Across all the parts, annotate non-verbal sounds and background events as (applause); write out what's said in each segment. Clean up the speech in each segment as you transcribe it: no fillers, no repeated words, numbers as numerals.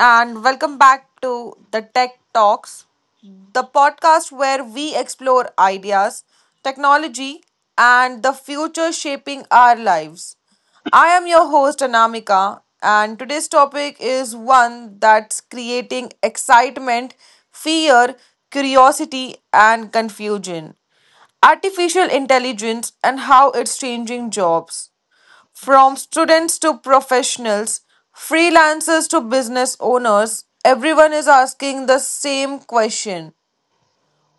and welcome back to the Tech Talks, the podcast where we explore ideas, technology, and the future shaping our lives. I am your host, Anamika, and today's topic is one that's creating excitement, fear, curiosity, and confusion: artificial intelligence and how it's changing jobs. From students to professionals, freelancers to business owners, everyone is asking the same question: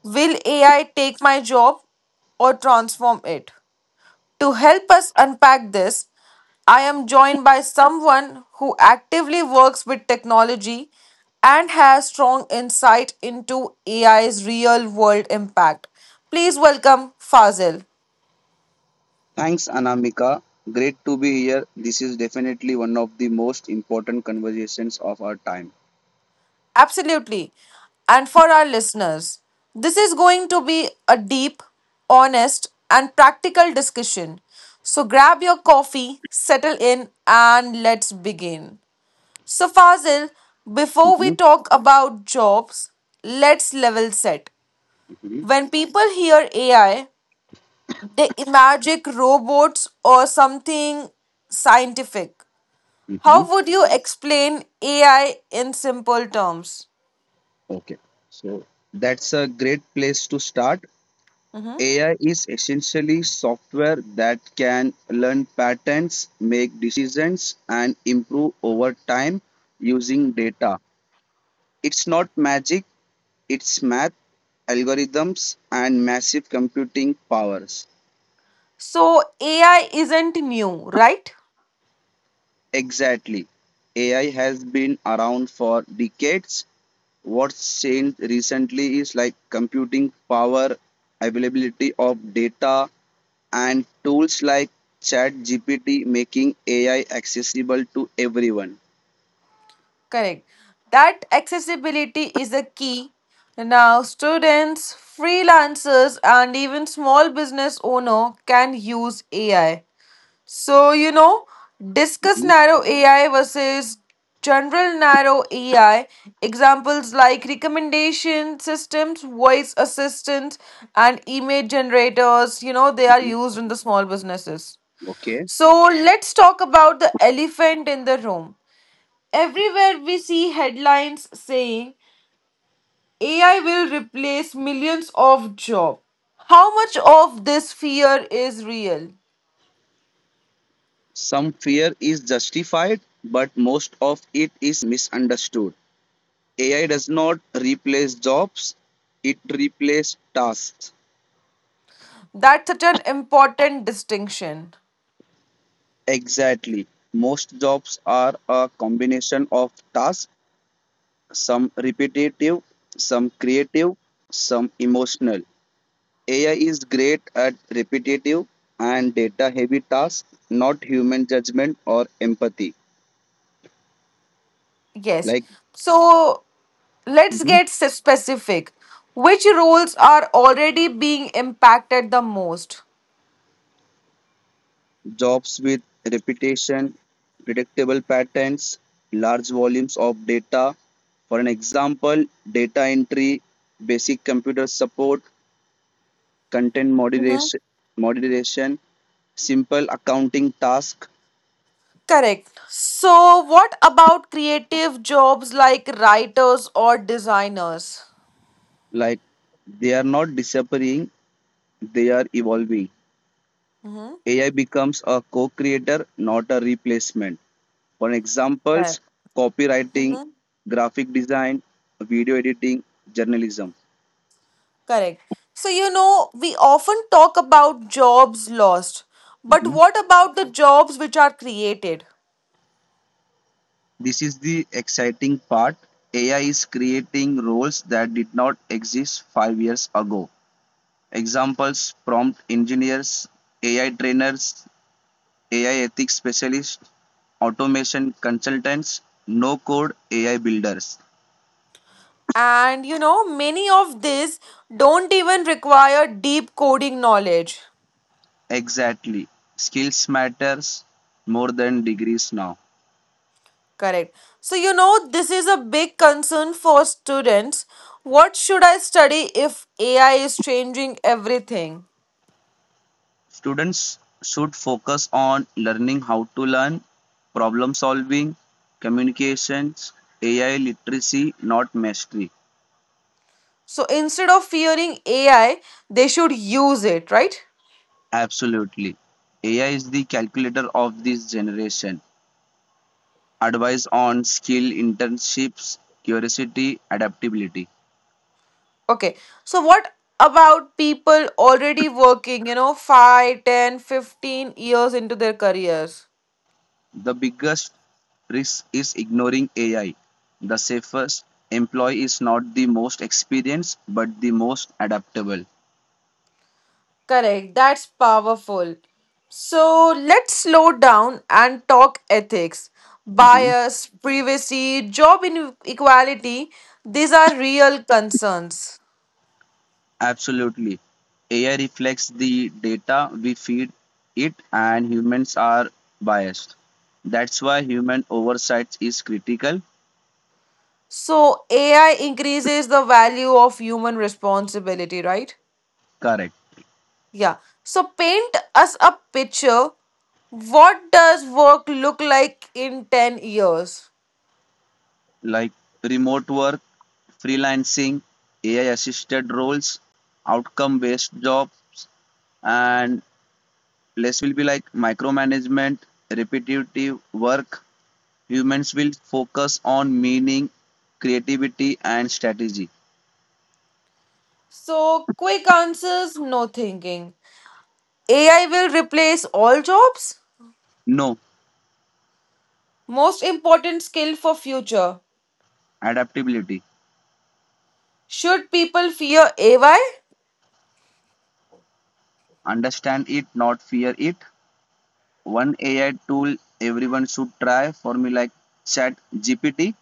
will AI take my job or transform it? To help us unpack this, I am joined by someone who actively works with technology and has strong insight into AI's real world impact. Please welcome Fazil. Thanks, Anamika. Great to be here. This is definitely one of the most important conversations of our time. Absolutely. And for our listeners, this is going to be a deep, honest, and practical discussion. So grab your coffee, settle in, and let's begin. So, Fazil, before we Mhm, talk about jobs, let's level set. mhm, When people hear AI, they imagine robots or something scientific. mhm. How would you explain AI in simple terms? Okay, so that's a great place to start. AI is essentially software that can learn patterns, make decisions, and improve over time using data. It's not magic, it's math, algorithms, and massive computing powers. So AI isn't new, right? Exactly. AI has been around for decades. What's changed recently is computing power, availability of data, and tools like ChatGPT making AI accessible to everyone. Correct. That accessibility is a key. Now students, freelancers and even small business owner can use AI. So discuss Mhm, narrow AI versus general narrow AI. Examples like recommendation systems, voice assistants and image generators, they are mhm. used in the small businesses. Okay. So let's talk about the elephant in the room. Everywhere we see headlines saying AI will replace millions of jobs. How much of this fear is real? Some fear is justified, but most of it is misunderstood. AI does not replace jobs, it replaces tasks. That's such an important distinction. Exactly. Most jobs are a combination of tasks, some repetitive, some creative, some emotional. AI is great at repetitive and data heavy tasks, not human judgment or empathy. Yes. Like So let's mhm, get specific. Which roles are already being impacted the most? jobs with repetition, predictable patterns, large volumes of data. For an example, data entry, basic computer support, content Mhm. moderation, moderation simple accounting tasks, Correct. So, what about creative jobs like writers or designers? like they are not disappearing, they are evolving. Mm-hmm. AI becomes a co-creator, not a replacement. For Right. examples, copywriting, Mm-hmm. graphic design, video editing, journalism. Correct. So, we often talk about jobs lost, but Mhm. what about the jobs which are created? This is the exciting part. AI is creating roles that did not exist 5 years ago. Examples: prompt engineers, AI trainers, AI ethics specialists, automation consultants, no code AI builders. And, many of these don't even require deep coding knowledge. Exactly. Skills matters more than degrees now. Correct. So, this is a big concern for students. What should I study if AI is changing everything? Students should focus on learning how to learn, problem solving, communications, AI literacy, not mastery. So, instead of fearing AI, they should use it, right? Absolutely. AI is the calculator of this generation. Advice on skill internships, curiosity, adaptability. Okay. So what about people already working, 5, 10, 15 years into their careers? The biggest risk is ignoring AI. The safest employee is not the most experienced, but the most adaptable. Correct. That's powerful. So let's slow down and talk ethics. Mhm. Bias, privacy, job inequality, these are real concerns. Absolutely. AI reflects the data we feed it, and humans are biased. That's why human oversight is critical. So AI increases the value of human responsibility, right? Correct. Yeah. So paint us a picture. What does work look like in 10 years? Like remote work, freelancing, AI assisted roles, outcome based jobs, and less will be like micromanagement, repetitive work. Humans will focus on meaning, creativity, and strategy. So quick answers, no thinking. AI will replace all jobs? No, Most important skill for future. adaptability. Should people fear AI? Understand it, not fear it. One AI tool everyone should try for me, like Chat GPT.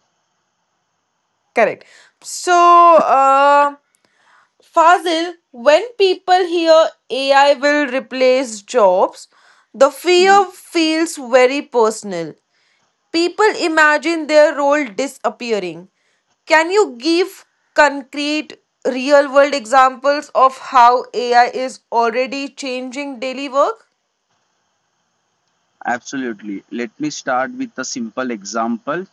Correct. So, Fazil, when people hear AI will replace jobs, the fear feels very personal. People imagine their role disappearing. Can you give concrete, real world examples of how AI is already changing daily work? Absolutely. Let me start with a simple example.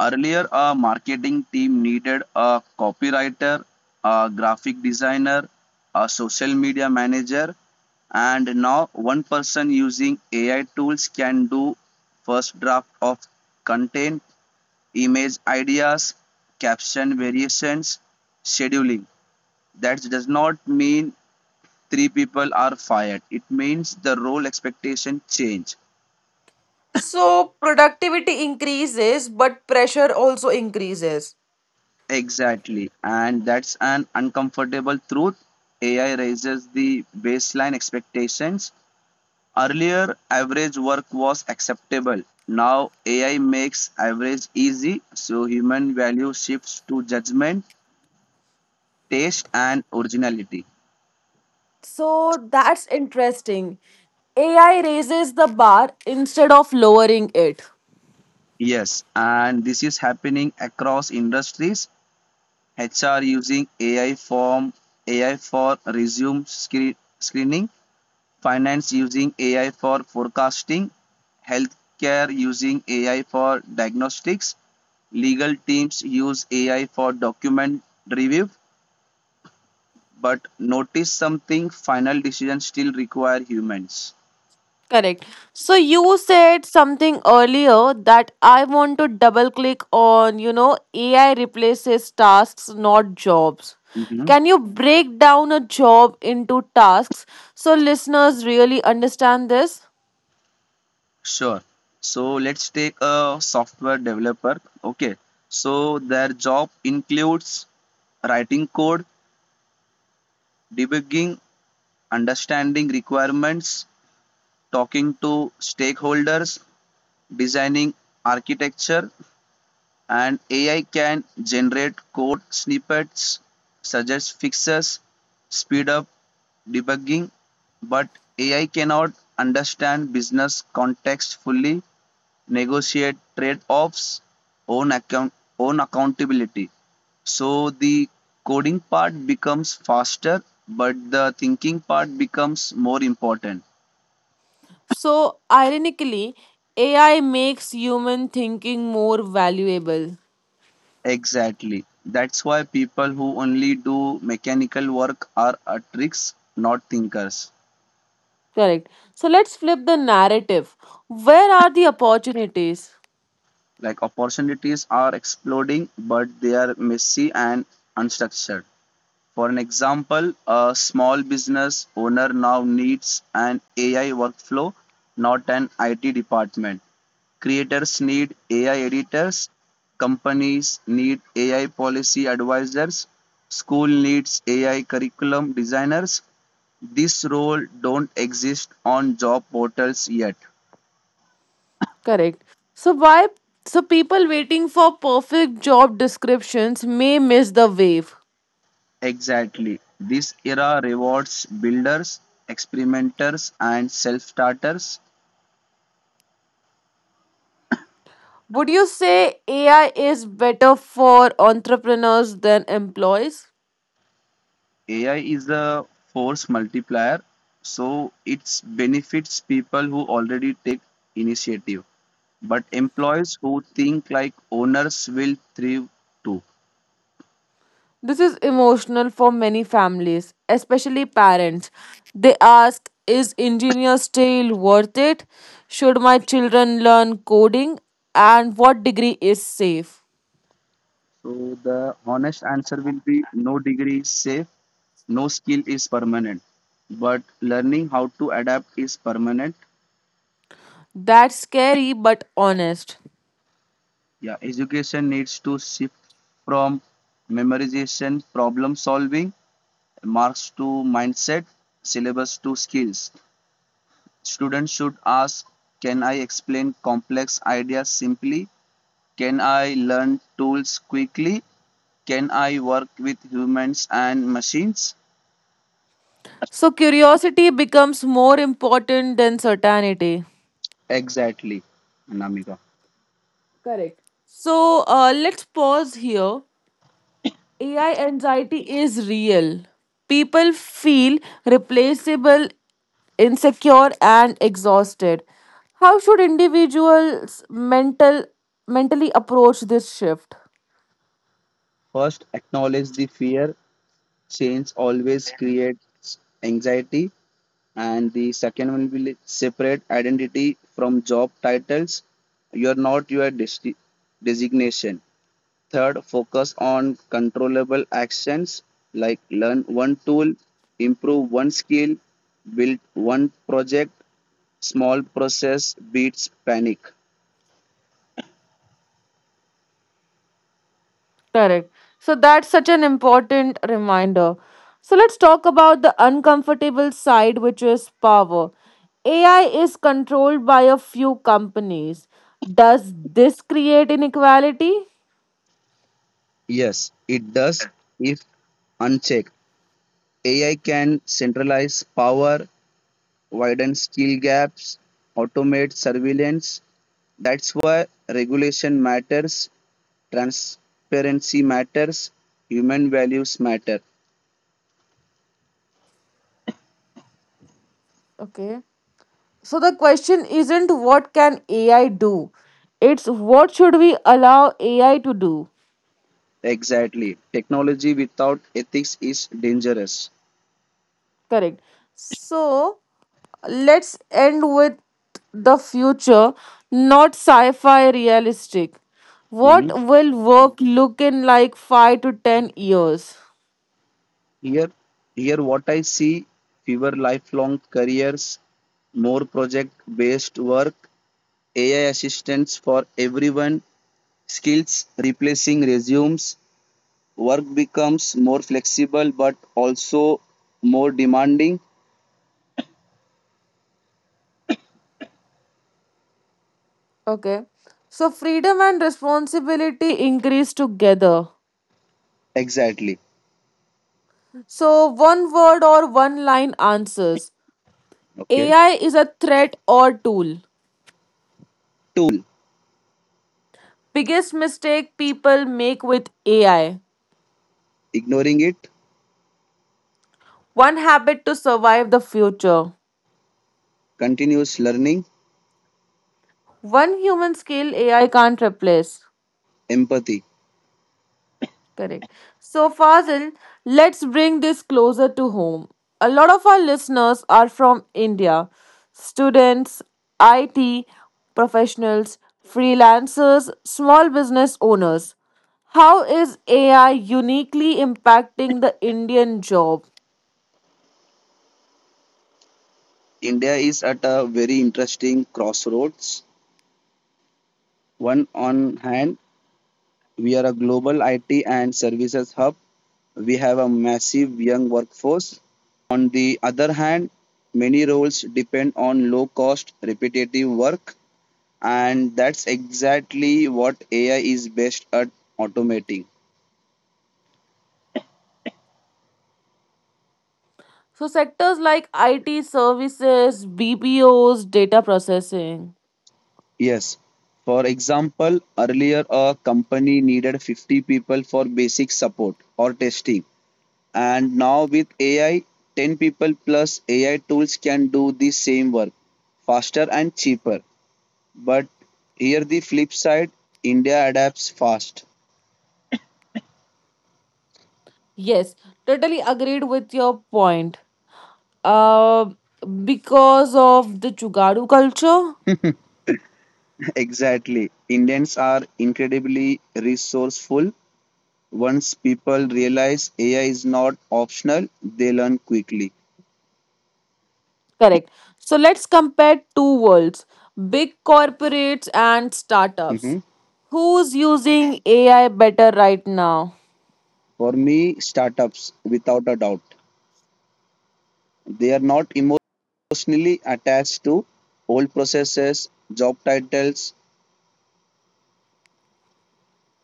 Earlier, a marketing team needed a copywriter, a graphic designer, a social media manager, and now one person using AI tools can do first draft of content, image ideas, caption variations, scheduling. That does not mean three people are fired. It means the role expectation change. So, productivity increases, but pressure also increases. Exactly, and that's an uncomfortable truth. AI raises the baseline expectations. Earlier, average work was acceptable. Now, AI makes average easy, so human value shifts to judgment, taste, and originality. So, that's interesting. AI raises the bar instead of lowering it. Yes, and this is happening across industries. HR using AI for screening, finance using AI for forecasting, healthcare using AI for diagnostics, legal teams use AI for document review, but notice something: final decisions still require humans. Correct. So you said something earlier that I want to double click on, AI replaces tasks, not jobs. Mhm. Can you break down a job into tasks so listeners really understand this? Sure. So let's take a software developer. Okay. So their job includes writing code, debugging, understanding requirements, talking to stakeholders, designing architecture, and AI can generate code snippets, suggest fixes, speed up debugging, but AI cannot understand business context fully, negotiate trade offs, own, account, own accountability. So the coding part becomes faster, but the thinking part becomes more important. So, ironically, AI makes human thinking more valuable. Exactly. That's why people who only do mechanical work are tricks, not thinkers. Correct. So, let's flip the narrative. Where are the opportunities? Like opportunities are exploding, but they are messy and unstructured. For an example, a small business owner now needs an AI workflow, not an IT department. Creators need AI editors, companies need AI policy advisors, school needs AI curriculum designers. This role don't exist on job portals yet. Correct. So why so people waiting for perfect job descriptions may miss the wave. Exactly. This era rewards builders, experimenters and self-starters. Would you say AI is better for entrepreneurs than employees? AI is a force multiplier, so it benefits people who already take initiative. But employees who think like owners will thrive too. This is emotional for many families, especially parents. They ask, is engineer still worth it? Should my children learn coding? And what degree is safe? So the honest answer will be no degree safe, no skill is permanent, but learning how to adapt is permanent. That's scary but honest. Yeah, education needs to shift from memorization problem solving, marks to mindset, syllabus to skills. Students should ask: can I explain complex ideas simply, can I learn tools quickly, can I work with humans and machines? So curiosity becomes more important than certainty. Exactly. namika Correct. So let's pause here. AI anxiety is real. People feel replaceable, insecure, and exhausted. How should individuals mentally approach this shift? first acknowledge the fear, change always creates anxiety. And the second one will separate identity from job titles, you're not your designation. Third, focus on controllable actions, like learn one tool, improve one skill, build one project. Small process beats panic. Correct. So that's such an important reminder. So let's talk about the uncomfortable side, which is power. AI is controlled by a few companies. Does this create inequality? Yes, it does. If unchecked, AI can centralize power, widen skill gaps, automate surveillance. That's why regulation matters, transparency matters, human values matter. Okay. So the question isn't what can AI do? It's what should we allow AI to do? Exactly. Technology without ethics is dangerous. Correct. So let's end with the future, not sci fi realistic. What Mhm. will work look in like 5 to 10 years? Here, here what I see: fewer lifelong careers, more project based work, AI assistance for everyone, skills replacing resumes, work becomes more flexible but also more demanding. Okay. So, freedom and responsibility increase together. Exactly. So, one word or one line answers: Okay: AI is a threat or tool. tool, Biggest mistake people make with AI. ignoring it, One habit to survive the future. continuous learning, One human skill AI can't replace. empathy. Correct. So, Fazil, let's bring this closer to home. A lot of our listeners are from India: students, IT professionals, freelancers, small business owners. How is AI uniquely impacting the Indian job? India is at a very interesting crossroads. One on hand, we are a global IT and services hub, we have a massive young workforce. On the other hand, many roles depend on low cost repetitive work. And that's exactly what AI is best at automating. So, sectors like IT services, BPOs, data processing. Yes. For example, earlier a company needed 50 people for basic support or testing. And now with AI, 10 people plus AI tools can do the same work faster and cheaper. But here the flip side: India adapts fast. Yes, totally agreed with your point. uh, because of the Jugaadu culture. (laughs) Exactly. Indians are incredibly resourceful. Once people realize AI is not optional, they learn quickly. Correct. So let's compare two worlds: big corporates and startups. Hmm. Who's using AI better right now? For me, startups, without a doubt. They are not emotionally attached to old processes, job titles.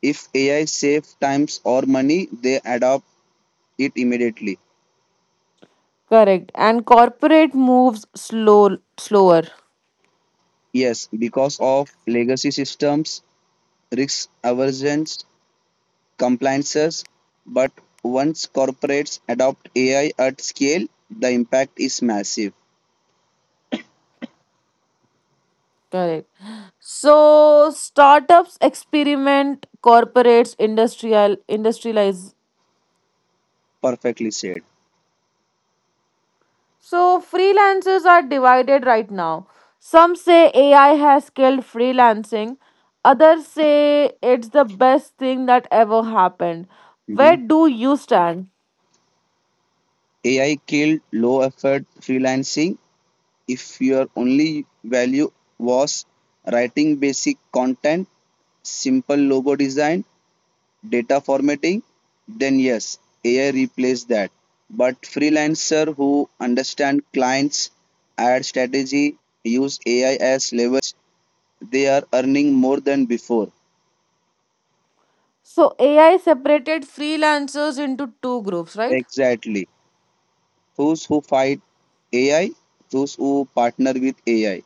If AI saves times or money, they adopt it immediately. Correct. And corporate moves slow, slower. Yes, because of legacy systems, risk aversions, compliances. But once corporates adopt AI at scale, the impact is massive. Correct. So startups experiment, corporates industrialize. Perfectly said. So, freelancers are divided right now. Some say AI has killed freelancing, others say it's the best thing that ever happened. Where Mhm. do you stand? AI killed low effort freelancing. If your only value was writing basic content, simple logo design, data formatting, then yes, AI replaced that. But freelancer who understand clients, ad strategy, use AI as leverage, they are earning more than before. So, AI separated freelancers into two groups, right? Exactly. Those who fight AI, those who partner with AI.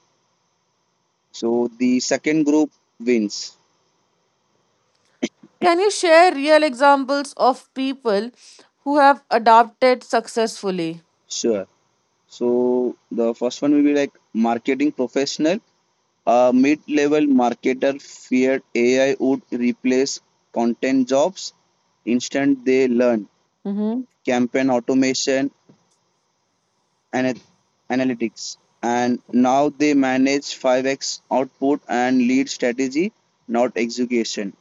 So the second group wins. Can you share real examples of people who have adopted successfully? Sure. So the first one will be like marketing professional. A mid-level marketer feared AI would replace content jobs. Instead, they learn Mm-hmm. prompting, campaign automation, and analytics. And now they manage 5x output and lead strategy, not execution.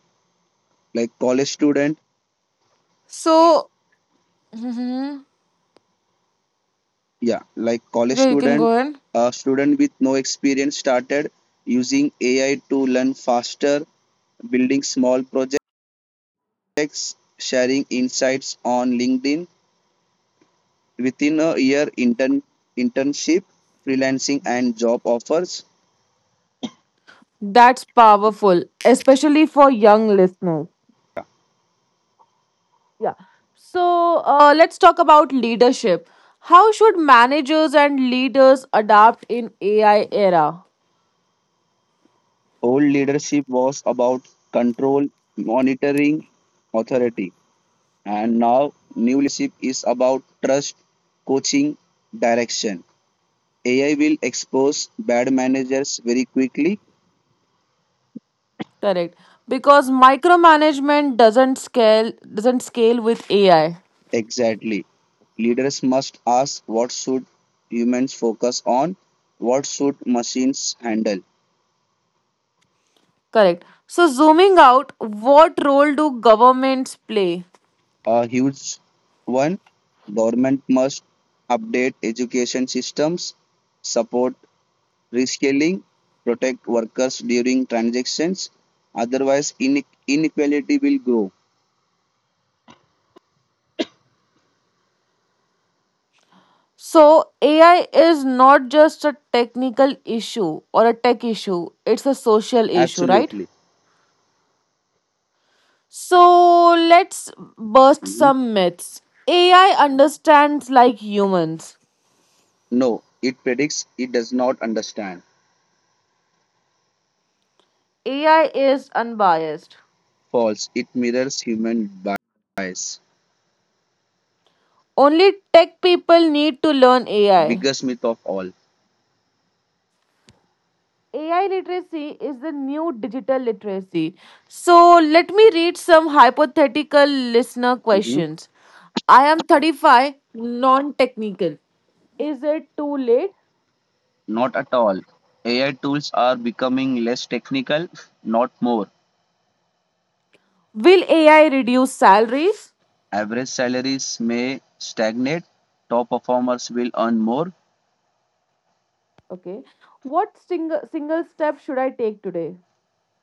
Like college student So, Mhm, Yeah, like college yeah, you can student, go in. a student with no experience started using AI to learn faster, building small projects, sharing insights on LinkedIn. Within a year, internship, freelancing and job offers. That's powerful, especially for young listeners. Yeah, Yeah. So let's talk about leadership. How should managers and leaders adapt in AI era? old leadership was about control, monitoring, authority. And now new leadership is about trust, coaching, direction. AI will expose bad managers very quickly. Correct. Because micromanagement doesn't scale with AI. Exactly. Leaders must ask: what should humans focus on, what should machines handle? Correct. So zooming out, what role do governments play? A huge one. Government must update education systems, support reskilling, protect workers during transactions. Otherwise, inequality will grow. So AI is not just a technical issue or a tech issue. It's a social issue, right? Absolutely. So let's burst Mhm. some myths. AI understands like humans. No, it predicts, it does not understand. AI is unbiased. False. It mirrors human bias. Only tech people need to learn AI. Biggest myth of all. AI literacy is the new digital literacy. So let me read some hypothetical listener Mhm. questions. I am 35, non technical. Is it too late? Not at all. AI tools are becoming less technical, not more. Will AI reduce salaries? Average salaries may stagnate. Top performers will earn more. Okay. What single step should I take today?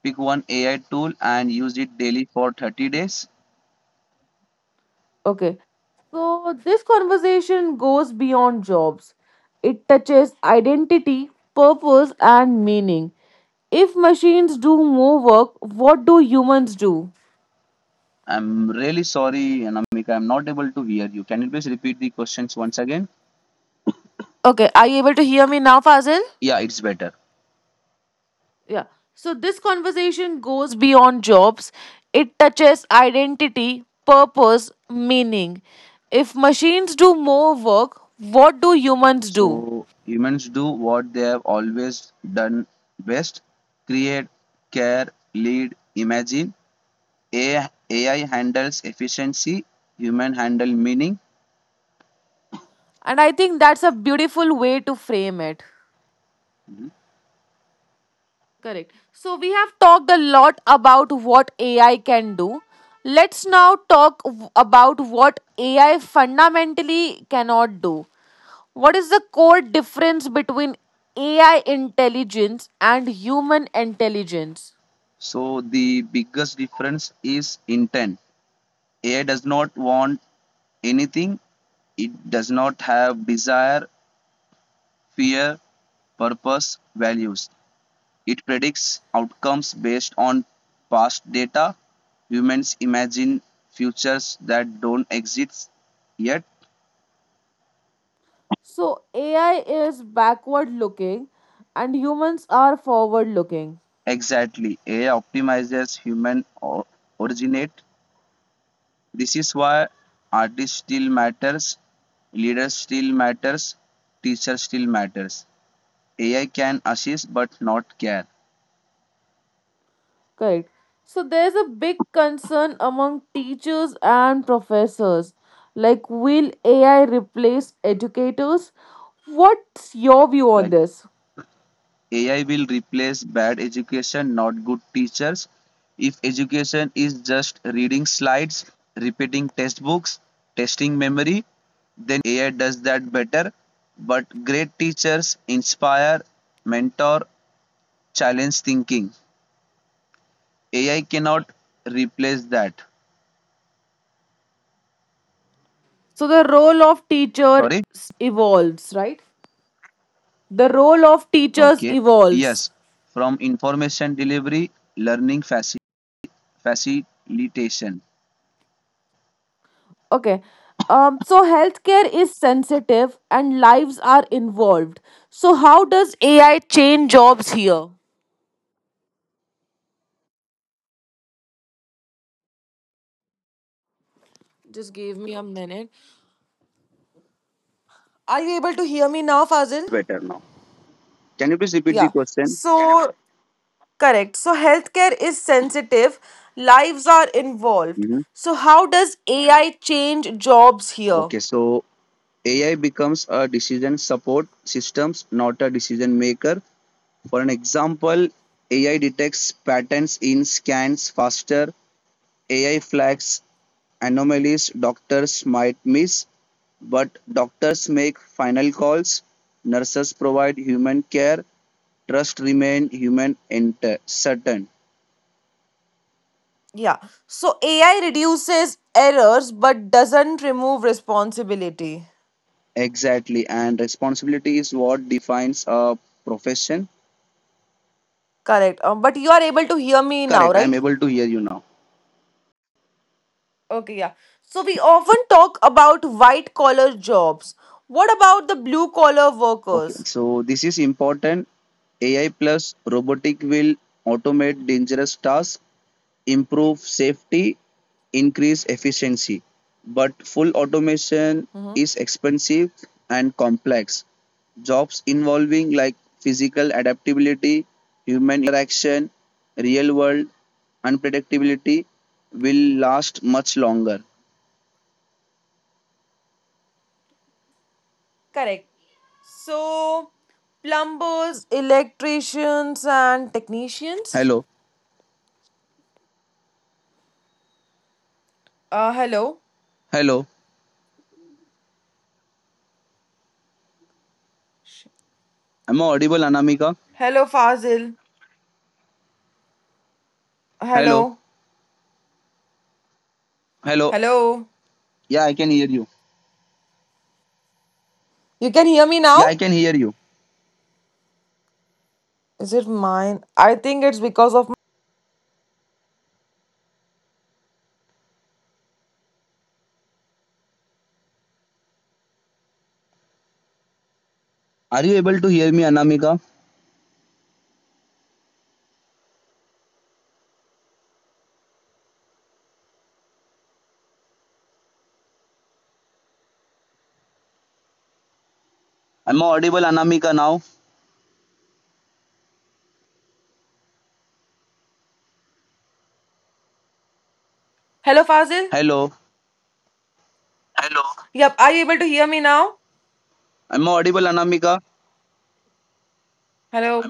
Pick one AI tool and use it daily for 30 days. Okay. So, this conversation goes beyond jobs. It touches identity, purpose, and meaning. If machines do more work, what do humans do? I'm really sorry, Anamika. I'm not able to hear you. Can you please repeat the questions once again? Okay, are you able to hear me now, Fazil? Yeah, it's better. Yeah. So, this conversation goes beyond jobs. It touches identity, purpose, meaning. If machines do more work, what do humans do? So humans do what they have always done best: create, care, lead, imagine. AI handles efficiency, human handle meaning. And I think that's a beautiful way to frame it. Mhm. Correct. So we have talked a lot about what AI can do. Let's now talk about what AI fundamentally cannot do. What is the core difference between AI intelligence and human intelligence? So the biggest difference is intent. AI does not want anything. It does not have desire, fear, purpose, values. It predicts outcomes based on past data. Humans imagine futures that don't exist yet. So AI is backward looking and humans are forward looking. Exactly. AI optimizes human originate. This is why artists still matters, leaders still matters, teacher still matters. AI can assist but not care. Correct. So there's a big concern among teachers and professors. Like, will AI replace educators? What's your view on Like this? AI will replace bad education, not good teachers. If education is just reading slides, repeating textbooks, testing memory, then yes, AI does that better. But great teachers inspire, mentor, challenge thinking. AI cannot replace that. So the role of teacher Sorry? evolves, right? The role of teachers Okay. evolves. Yes. From information delivery, learning facilitation. Okay. So healthcare is sensitive and lives are involved. So how does AI change jobs here? Just give me a minute. Are you able to hear me now, Fazil? Better now. Can you please repeat the Yeah. question? So, correct. So, healthcare is sensitive, lives are involved. Mhm. So, how does AI change jobs here? Okay, so AI becomes a decision support systems, not a decision maker. For an example, AI detects patterns in scans faster. AI flags anomalies doctors might miss, but doctors make final calls. Nurses provide human care. Trust remain human and certain. Yeah. So, AI reduces errors but doesn't remove responsibility. Exactly, and responsibility is what defines a profession. Correct. But you are able to hear me now, Correct. I'm right? able to hear you now. Okay, yeah. So, we often talk about white collar jobs. What about the blue collar Okay. workers? So this is important. AI plus robotic will automate dangerous tasks, improve safety, increase efficiency. But full automation Mm-hmm. is expensive and complex. Jobs involving like physical adaptability, human interaction, real world unpredictability will last much longer. Correct. So, plumbers, electricians, and technicians. Hello. Hello. Hello. Am I audible, Anamika? Hello, Fazil. Hello. Hello. Hello. Hello. Yeah, I can hear you. You can hear me now? Yeah, I can hear you. Is it mine? I think it's because of Are you able to hear me, Anamika? I Am audible, Anamika, now? Hello, Fazil. Hello. Yep. Are you able to hear me now? I Am audible, Anamika? Hello.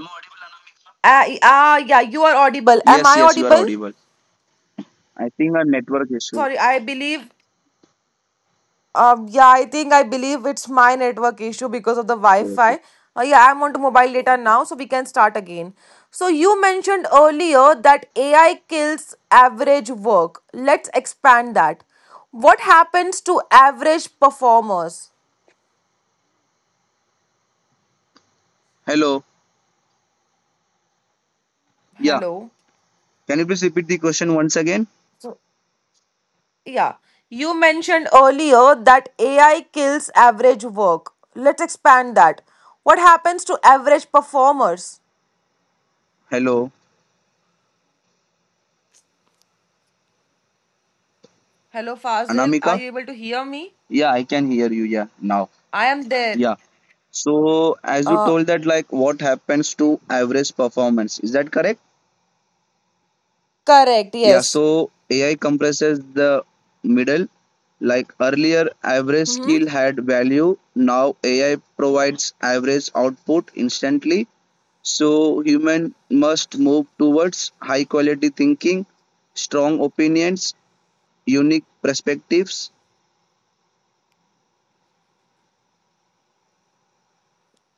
Yeah. You are audible. Am Yes, I yes, you are audible? audible. I think a network So issue. sorry. I believe. Yeah, I believe it's my network issue because of the Okay. Wi-Fi. Yeah, I'm on to mobile data now, so we can start again. So you mentioned earlier that AI kills average work. Let's expand that. What happens to average performers? Hello. Yeah. Hello. Can you please repeat the question once again? So. Yeah, you mentioned earlier that AI kills average work. Let's expand that. What happens to average performers? Hello, Hello, Fazil. Are Anamika? you able to hear me? Yeah, I can hear you. Yeah, now. I am there. Yeah. So, as you Uh, told that, what happens to average performance? Is that correct? correct, Yeah, yes. so AI compresses the middle. Like earlier, average hmm skill had value. Now AI provides average output instantly. So human must move towards high quality thinking, strong opinions, unique perspectives.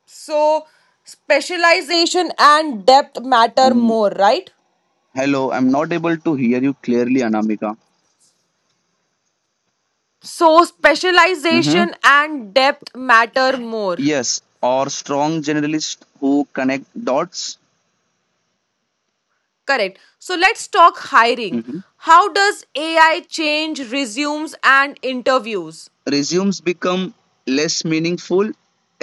So, specialization and depth matter I'm more, right? hello. I'm not able to hear you clearly, Anamika. So, Mm-hmm. specialization and depth matter more. Yes, or strong generalists who connect dots. Correct. So, let's talk hiring. How does AI change resumes and interviews? Resumes become less meaningful.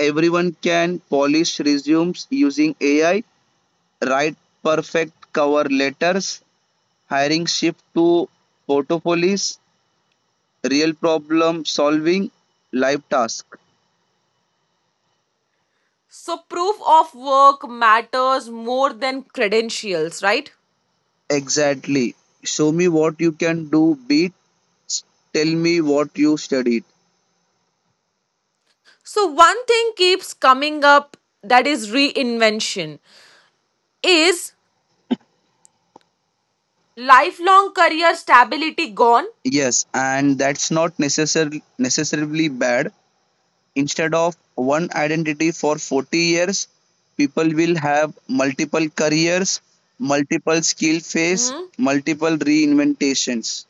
Everyone can polish resumes using AI, write perfect cover letters, hiring shift to portfolios, real problem solving, live task. So, proof of work matters more than credentials, right? Exactly. Show me what you can do, beat. Tell me what you studied. So, one thing keeps coming up, that is reinvention. Is lifelong career stability gone? Yes, and that's not necessarily bad. Instead of one identity for 40 years, people will have multiple careers, multiple skill phase, Mhm. multiple reinventations.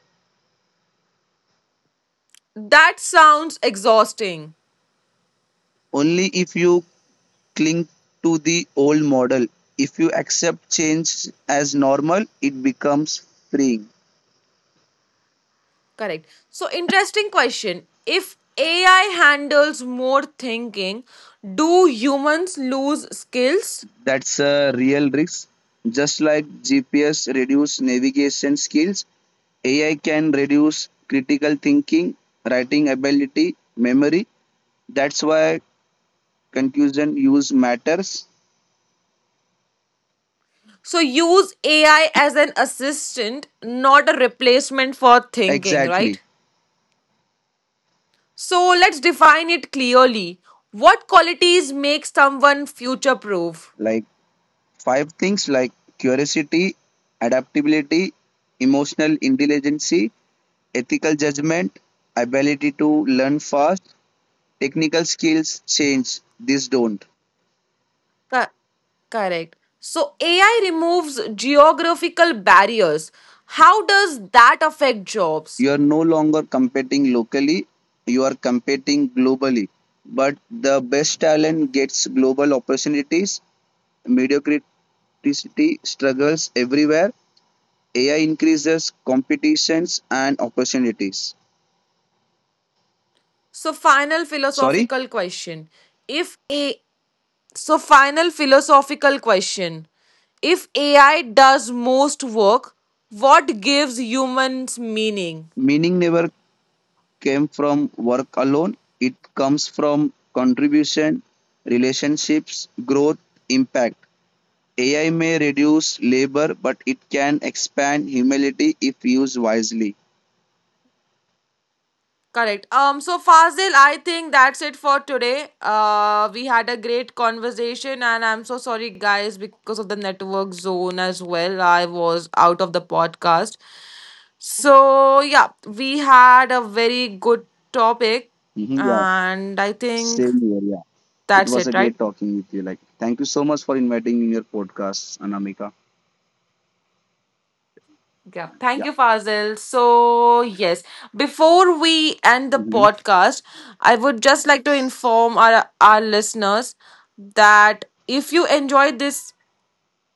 That sounds exhausting. Only if you cling to the old model. If you accept change as normal, it becomes freeing. Correct. So, interesting question. If AI handles more thinking, do humans lose skills? That's a real risk. Just like GPS reduces navigation skills, AI can reduce critical thinking, writing ability, memory. That's why conclusion use matters. So, use AI as an assistant, not a replacement for thinking, Exactly. right? So let's define it clearly. What qualities make someone future proof? Like five things, like curiosity, adaptability, emotional intelligence, ethical judgment, ability to learn fast. Technical skills change, these don't. Correct. So AI removes geographical barriers. How does that affect jobs? You are no longer competing locally, you are competing globally. But the best talent gets global opportunities, mediocrity struggles everywhere. AI increases competitions and opportunities. So final Sorry, philosophical question. If a so final philosophical question. If AI does most work, what gives humans meaning? meaning never came from work alone. It comes from contribution, relationships, growth, impact. AI may reduce labor, but it can expand humility if used wisely. Correct. So Fazil, I think that's it for today. We had a great conversation, and I'm so sorry, guys, because of the network zone as well. I was out of the podcast. So, yeah, we had a very good topic, Mhm, yeah, and I think same here. Yeah, it that's was a it, right? great talking with you. Thank you so much for inviting me in your podcast, Anamika. Yeah, thank Yeah, you, Fazil. So, yes, before we end the Mhm, podcast, I would just like to inform our listeners that if you enjoyed this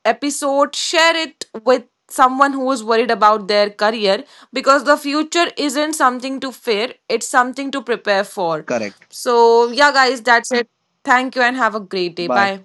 episode, share it with someone who is worried about their career because the future isn't something to fear, it's something to prepare for. correct. So, yeah, guys, that's it. Thank you and have a great day. Bye. Bye.